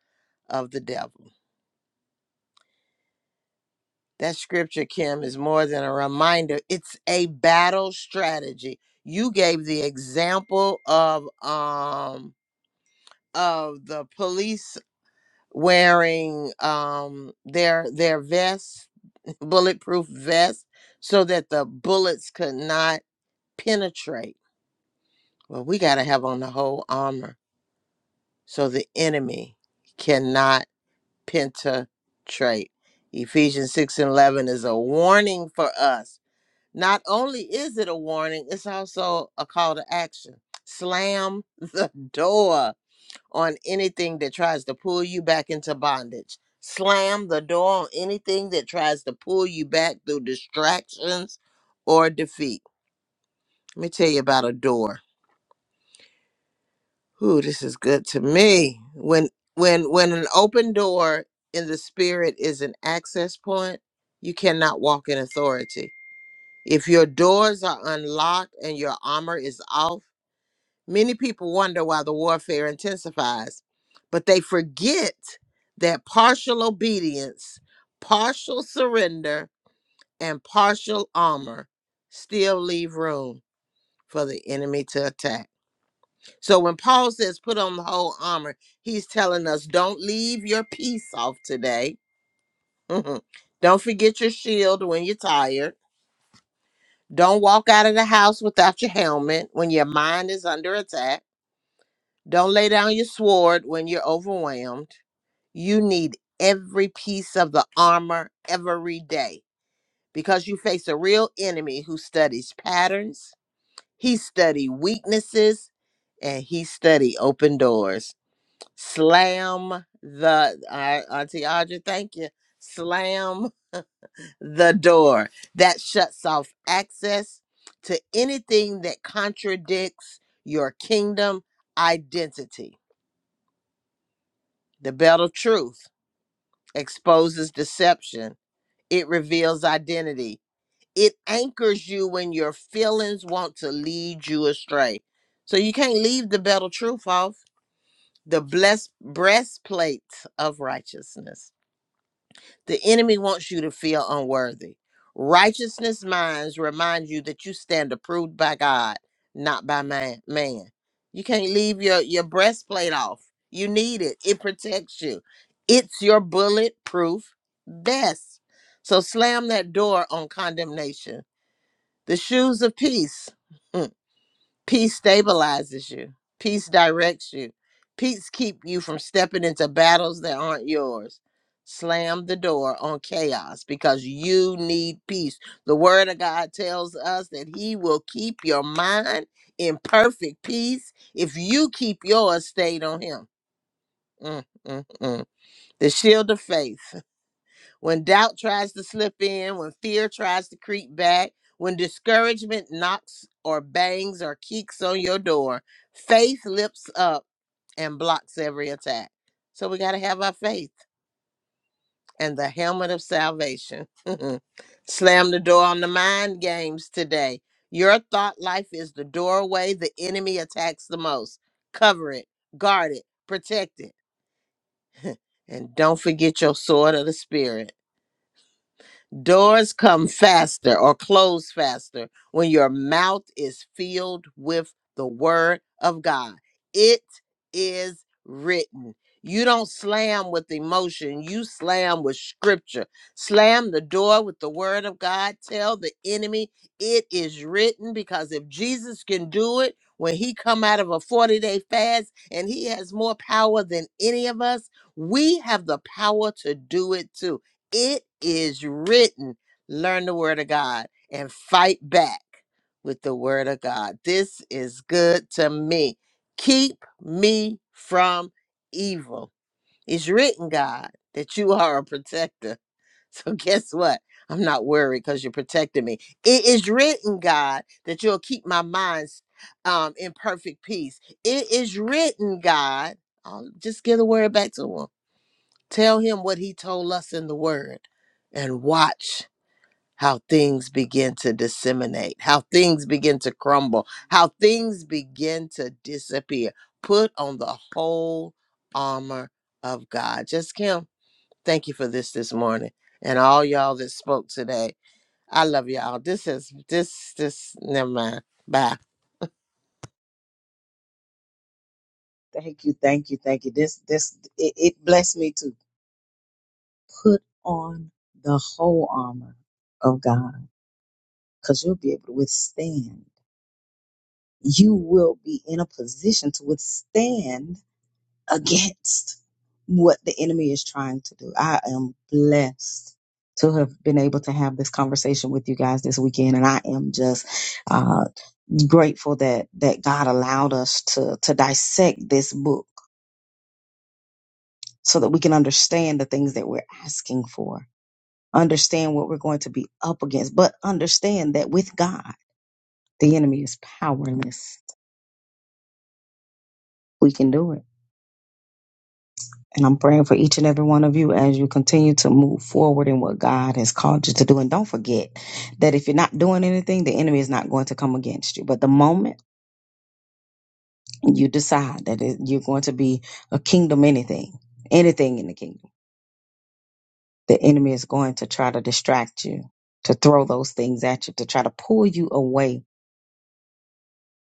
of the devil. That scripture, Kim, is more than a reminder. It's a battle strategy. You gave the example of um of the police wearing um their their vests, bulletproof vests, so that the bullets could not penetrate. Well, we gotta have on the whole armor so the enemy cannot penetrate. Ephesians 6 and 11 is a warning for us. Not only is it a warning, it's also a call to action. Slam the door on anything that tries to pull you back into bondage. Slam the door on anything that tries to pull you back through distractions or defeat. Let me tell you about a door. Ooh, this is good to me. When when when an open door in the spirit is an access point, you cannot walk in authority. If your doors are unlocked and your armor is off, Many people wonder why the warfare intensifies, but they forget that partial obedience, partial surrender, and partial armor still leave room for the enemy to attack. So when Paul says put on the whole armor, he's telling us don't leave your piece off today. Mhm. don't forget your shield when you're tired. Don't walk out of the house without your helmet when your mind is under attack Don't lay down your sword when you're overwhelmed. You need every piece of the armor every day because you face a real enemy who studies patterns, he study weaknesses, and he study open doors. Slam the I, Auntie Audra, thank you. Slam the door that shuts off access to anything that contradicts your kingdom identity. The belt of truth exposes deception, it reveals identity, it anchors you when your feelings want to lead you astray. So you can't leave the battle truth off the blessed breastplate of righteousness. The enemy wants you to feel unworthy. Righteousness minds remind you that you stand approved by God, not by man. man. You can't leave your, your breastplate off. You need it, it protects you. It's your bulletproof vest. So slam that door on condemnation. The shoes of peace. Peace stabilizes you. Peace directs you. Peace keep you from stepping into battles that aren't yours. Slam the door on chaos because you need peace. The word of God tells us that he will keep your mind in perfect peace if you keep yours stayed on him. Mm, mm, mm. The shield of faith when doubt tries to slip in, when fear tries to creep back, when discouragement knocks or bangs or keeks on your door, faith lifts up and blocks every attack. So we got to have our faith and the helmet of salvation. Slam the door on the mind games today. Your thought life is the doorway the enemy attacks the most. Cover it, guard it, protect it. and don't forget your sword of the spirit. Doors come faster or close faster when your mouth is filled with the word of God. It is written. You don't slam with emotion, you slam with scripture. Slam the door with the word of God. Tell the enemy it is written because if Jesus can do it when he come out of a 40-day fast and he has more power than any of us, we have the power to do it too it is written learn the word of god and fight back with the word of god this is good to me keep me from evil it's written god that you are a protector so guess what i'm not worried because you're protecting me it is written god that you'll keep my minds um, in perfect peace it is written god i'll just give the word back to him Tell him what he told us in the word and watch how things begin to disseminate, how things begin to crumble, how things begin to disappear. Put on the whole armor of God. Just Kim, thank you for this this morning and all y'all that spoke today. I love y'all. This is this this never mind. Bye.
Thank you, thank you, thank you. This, this, it, it blessed me to put on the whole armor of God because you'll be able to withstand you will be in a position to withstand against what the enemy is trying to do. I am blessed to have been able to have this conversation with you guys this weekend and I am just uh grateful that that God allowed us to to dissect this book so that we can understand the things that we're asking for. Understand what we're going to be up against, but understand that with God, the enemy is powerless. We can do it And I'm praying for each and every one of you as you continue to move forward in what God has called you to do. And don't forget that if you're not doing anything, the enemy is not going to come against you. But the moment you decide that it- you're going to be a kingdom anything, anything in the kingdom, the enemy is going to try to distract you, to throw those things at you, to try to pull you away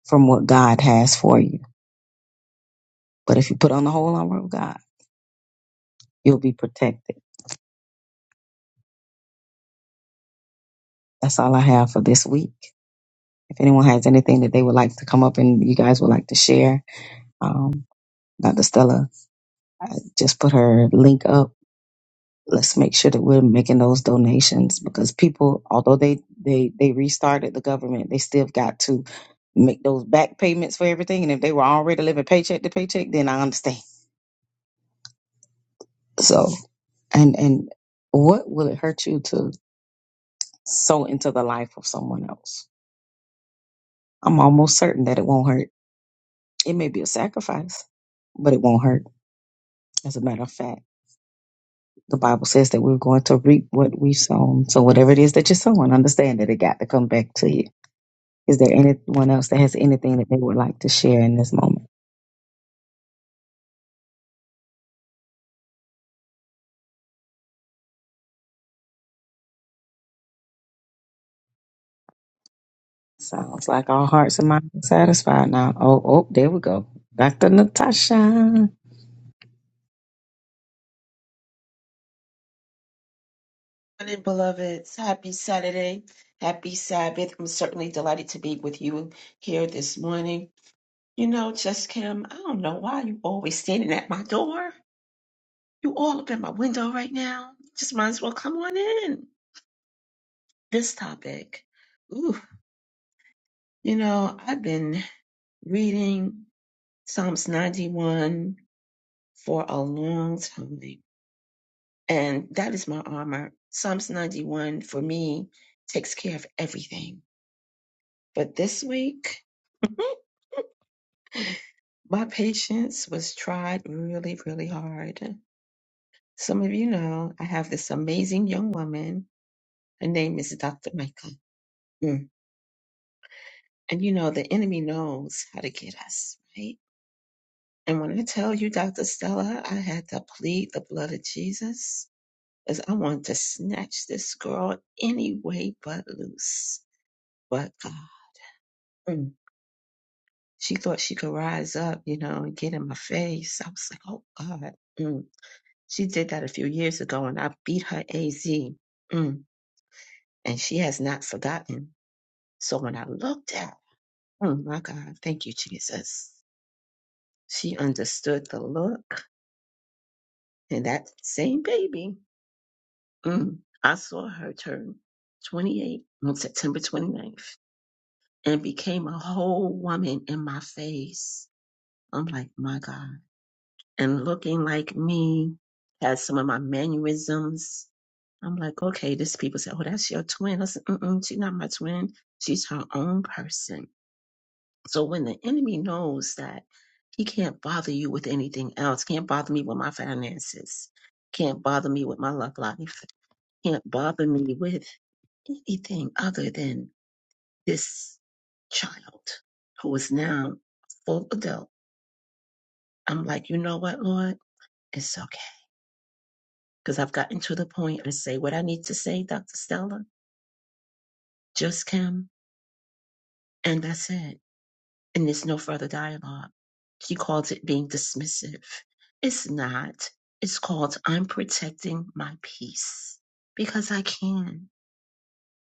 from what God has for you. But if you put on the whole armor of God, you'll be protected. That's all I have for this week. If anyone has anything that they would like to come up and you guys would like to share, um, Dr. Stella, I just put her link up. Let's make sure that we're making those donations because people, although they they they restarted the government, they still got to make those back payments for everything. And if they were already living paycheck to paycheck, then I understand. So and and what will it hurt you to sow into the life of someone else? I'm almost certain that it won't hurt. It may be a sacrifice, but it won't hurt. As a matter of fact. the Bible says that we're going to reap what we've sown. So whatever it is that you're sowing, understand that it got to come back to you. Is there anyone else that has anything that they would like to share in this moment? Sounds like all hearts and minds are satisfied now. Oh, oh, there we go. Dr. Natasha. Thank
morning, beloveds. Happy Saturday. Happy Sabbath. I'm certainly delighted to be with you here this morning. You know, just Kim, I don't know why you always standing at my door. You all up in my window right now. Just might as well come on in. This topic. Ooh, you know, I've been reading Psalms 91 for a long time. And that is my armor. Psalms 91 for me takes care of everything. But this week, My patience was tried really, really hard. Some of you know I have this amazing young woman. Her name is Dr. Michael. Mm. And you know, the enemy knows how to get us, right? And when I tell you, Dr. Stella, I had to plead the blood of Jesus because I wanted to snatch this girl any way but loose. But God, Mm. she thought she could rise up, you know, and get in my face. I was like, oh God. Mm. She did that a few years ago and I beat her AZ. Mm, and she has not forgotten. So when I looked at, oh my God, thank you, Jesus. She understood the look. And that same baby, mm, I saw her turn 28 on September twenty ninth, and became a whole woman in my face. I'm like, my God. And looking like me, had some of my mannerisms I'm like, okay, this people say, oh, that's your twin. I said, mm-mm, she's not my twin. She's her own person. So when the enemy knows that he can't bother you with anything else, can't bother me with my finances, can't bother me with my love life, can't bother me with anything other than this child who is now a full adult. I'm like, you know what, Lord? It's okay. Because I've gotten to the point and say what I need to say, Dr. Stella, just come. And that's it and there's no further dialogue. She calls it being dismissive. It's not. It's called I'm protecting my peace because I can.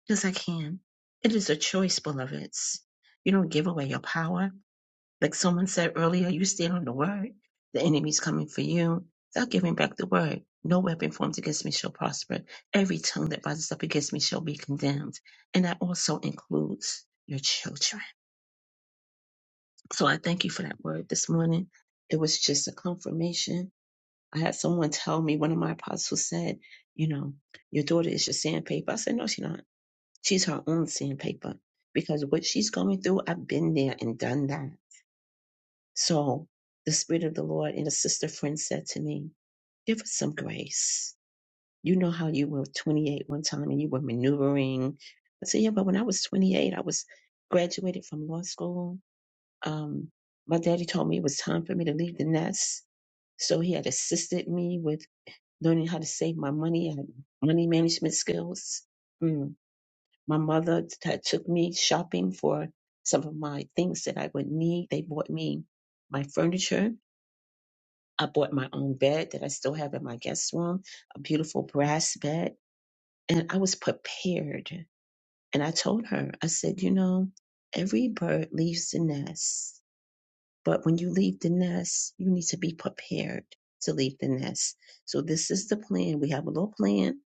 Because I can. It is a choice, beloveds. You don't give away your power. Like someone said earlier, you stand on the word. The enemy's coming for you. Stop giving back the word. No weapon formed against me shall prosper. Every tongue that rises up against me shall be condemned. And that also includes your children so I thank you for that word this morning. It was just a confirmation. I had someone tell me, one of my apostles said, you know, your daughter is your sandpaper. I said, no, she's not. She's her own sandpaper because what she's going through, I've been there and done that. So the Spirit of the Lord and a sister friend said to me, give us some grace. You know how you were 28 one time and you were maneuvering. I said, yeah, but when I was 28, I was graduated from law school um, my daddy told me it was time for me to leave the nest. So he had assisted me with learning how to save my money and money management skills. Mm. My mother t- had took me shopping for some of my things that I would need. They bought me my furniture. I bought my own bed that I still have in my guest room, a beautiful brass bed. And I was prepared. And I told her, I said, you know, every bird leaves the nest But when you leave the nest, you need to be prepared to leave the nest. So this is the plan. We have a little plan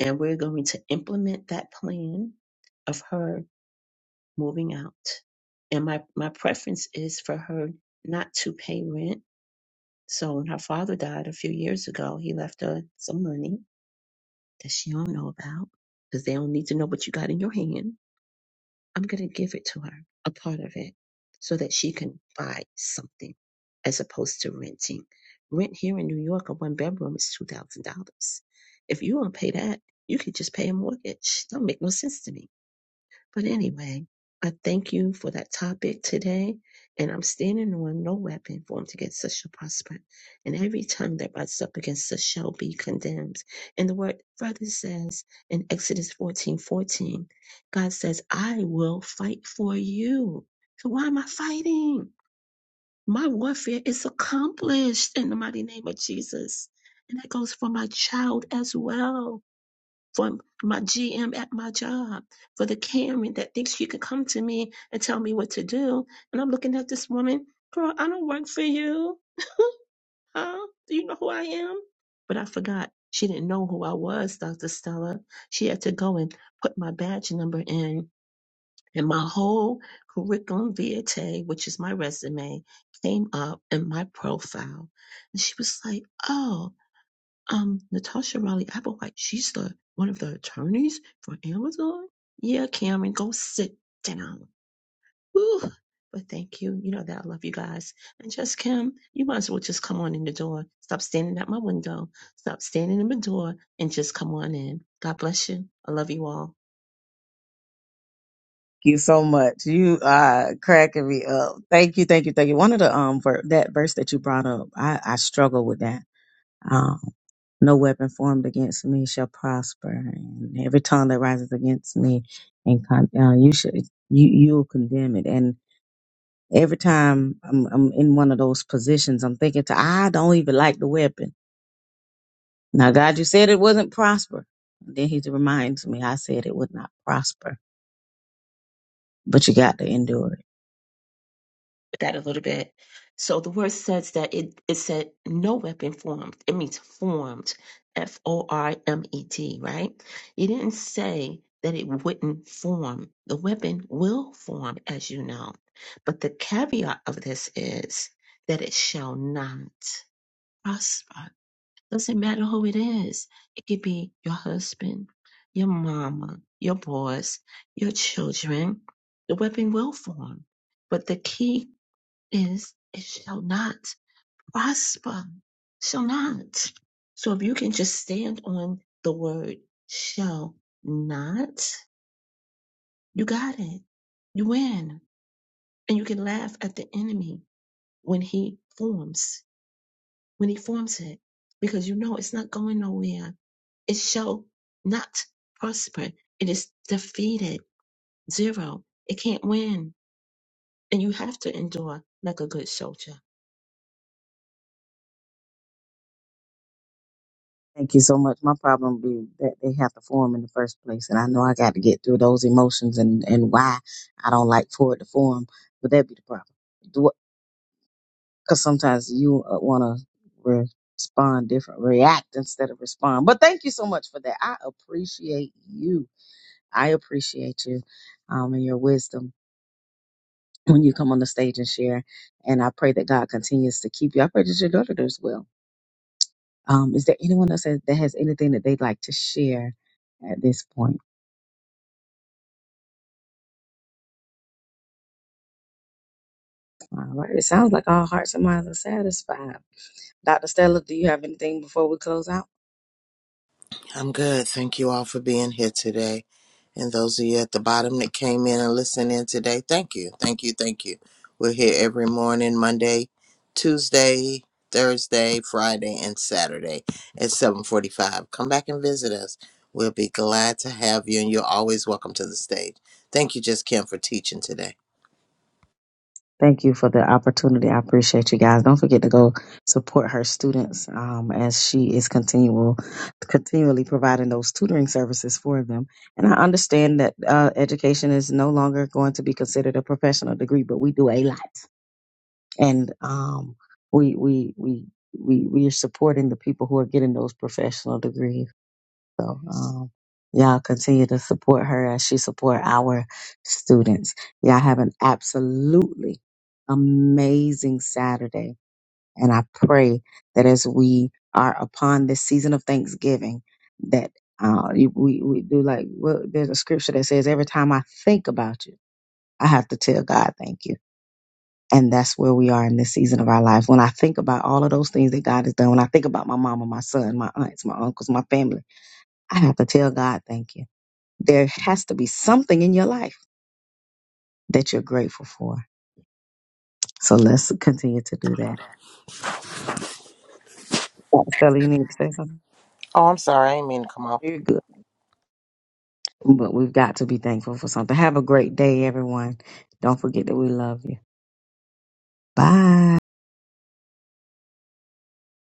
and we're going to implement that plan of her moving out. And my, my preference is for her not to pay rent. So when her father died a few years ago, he left her some money that she don't know about because they don't need to know what you got in your hand I'm going to give it to her, a part of it, so that she can buy something as opposed to renting. Rent here in New York, a one bedroom is $2,000. If you don't pay that, you could just pay a mortgage. Don't make no sense to me. But anyway, I thank you for that topic today. And I'm standing on no weapon formed against us shall prosper. And every tongue that rises up against us shall be condemned. And the word further says in Exodus fourteen fourteen, God says, I will fight for you. So why am I fighting? My warfare is accomplished in the mighty name of Jesus. And that goes for my child as well for my GM at my job, for the Karen that thinks she can come to me and tell me what to do. And I'm looking at this woman, girl, I don't work for you. Huh? Do you know who I am? But I forgot. She didn't know who I was, Dr. Stella. She had to go and put my badge number in. And my whole curriculum vitae, which is my resume, came up in my profile. And she was like, oh um Natasha Riley Applewhite, she's the one of the attorneys for Amazon. Yeah, Cameron, go sit down. Whew. But thank you. You know that I love you guys. And just Kim, you might as well just come on in the door. Stop standing at my window. Stop standing in my door and just come on in. God bless you. I love you all.
you so much. You are cracking me up. Thank you, thank you, thank you. One of the um ver- that verse that you brought up, I I struggle with that Um, no weapon formed against me shall prosper, and every tongue that rises against me, and con- uh, you should you you'll condemn it. And every time I'm I'm in one of those positions, I'm thinking to I don't even like the weapon. Now, God, you said it wasn't prosper. Then He reminds me, I said it would not prosper, but you got to endure it.
that a little bit. So the word says that it, it said no weapon formed. It means formed, F O R M E D, right? It didn't say that it wouldn't form. The weapon will form, as you know. But the caveat of this is that it shall not prosper. Doesn't matter who it is. It could be your husband, your mama, your boss, your children. The weapon will form. But the key is it shall not prosper. Shall not. So if you can just stand on the word shall not, you got it. You win. And you can laugh at the enemy when he forms, when he forms it, because you know it's not going nowhere. It shall not prosper. It is defeated. Zero. It can't win. And you have to endure like a good soldier.
Thank you so much. My problem be that they have to form in the first place, and I know I got to get through those emotions and and why I don't like for it to form. But that be the problem, because sometimes you want to respond different, react instead of respond. But thank you so much for that. I appreciate you. I appreciate you, um, and your wisdom when you come on the stage and share. And I pray that God continues to keep you. I pray that your daughter does well. Um, is there anyone else that that has anything that they'd like to share? at this point. All right. It sounds like all hearts and minds are satisfied. Dr. Stella, do you have anything before we close out?
I'm good. Thank you all for being here today. And those of you at the bottom that came in and listened in today, thank you. Thank you. Thank you. We're here every morning, Monday, Tuesday, Thursday, Friday, and Saturday at 745. Come back and visit us. We'll be glad to have you, and you're always welcome to the stage. Thank you, Just Kim, for teaching today.
Thank you for the opportunity. I appreciate you guys. Don't forget to go support her students um, as she is continual, continually providing those tutoring services for them. And I understand that uh, education is no longer going to be considered a professional degree, but we do a lot, and um, we we we we we are supporting the people who are getting those professional degrees. So um, y'all continue to support her as she support our students. Y'all have an absolutely amazing Saturday, and I pray that as we are upon this season of Thanksgiving, that uh, you- we we do like well, there's a scripture that says every time I think about you, I have to tell God thank you. And that's where we are in this season of our lives. When I think about all of those things that God has done, when I think about my mama, my son, my aunts, my uncles, my family, I have to tell God thank you there has to be something in your life that you're grateful for. So let's continue to do that. Dr. Stella, you need to say something?
Oh, I'm sorry. I didn't mean to come off.
You're good. But we've got to be thankful for something. Have a great day, everyone. Don't forget that we love you. Bye.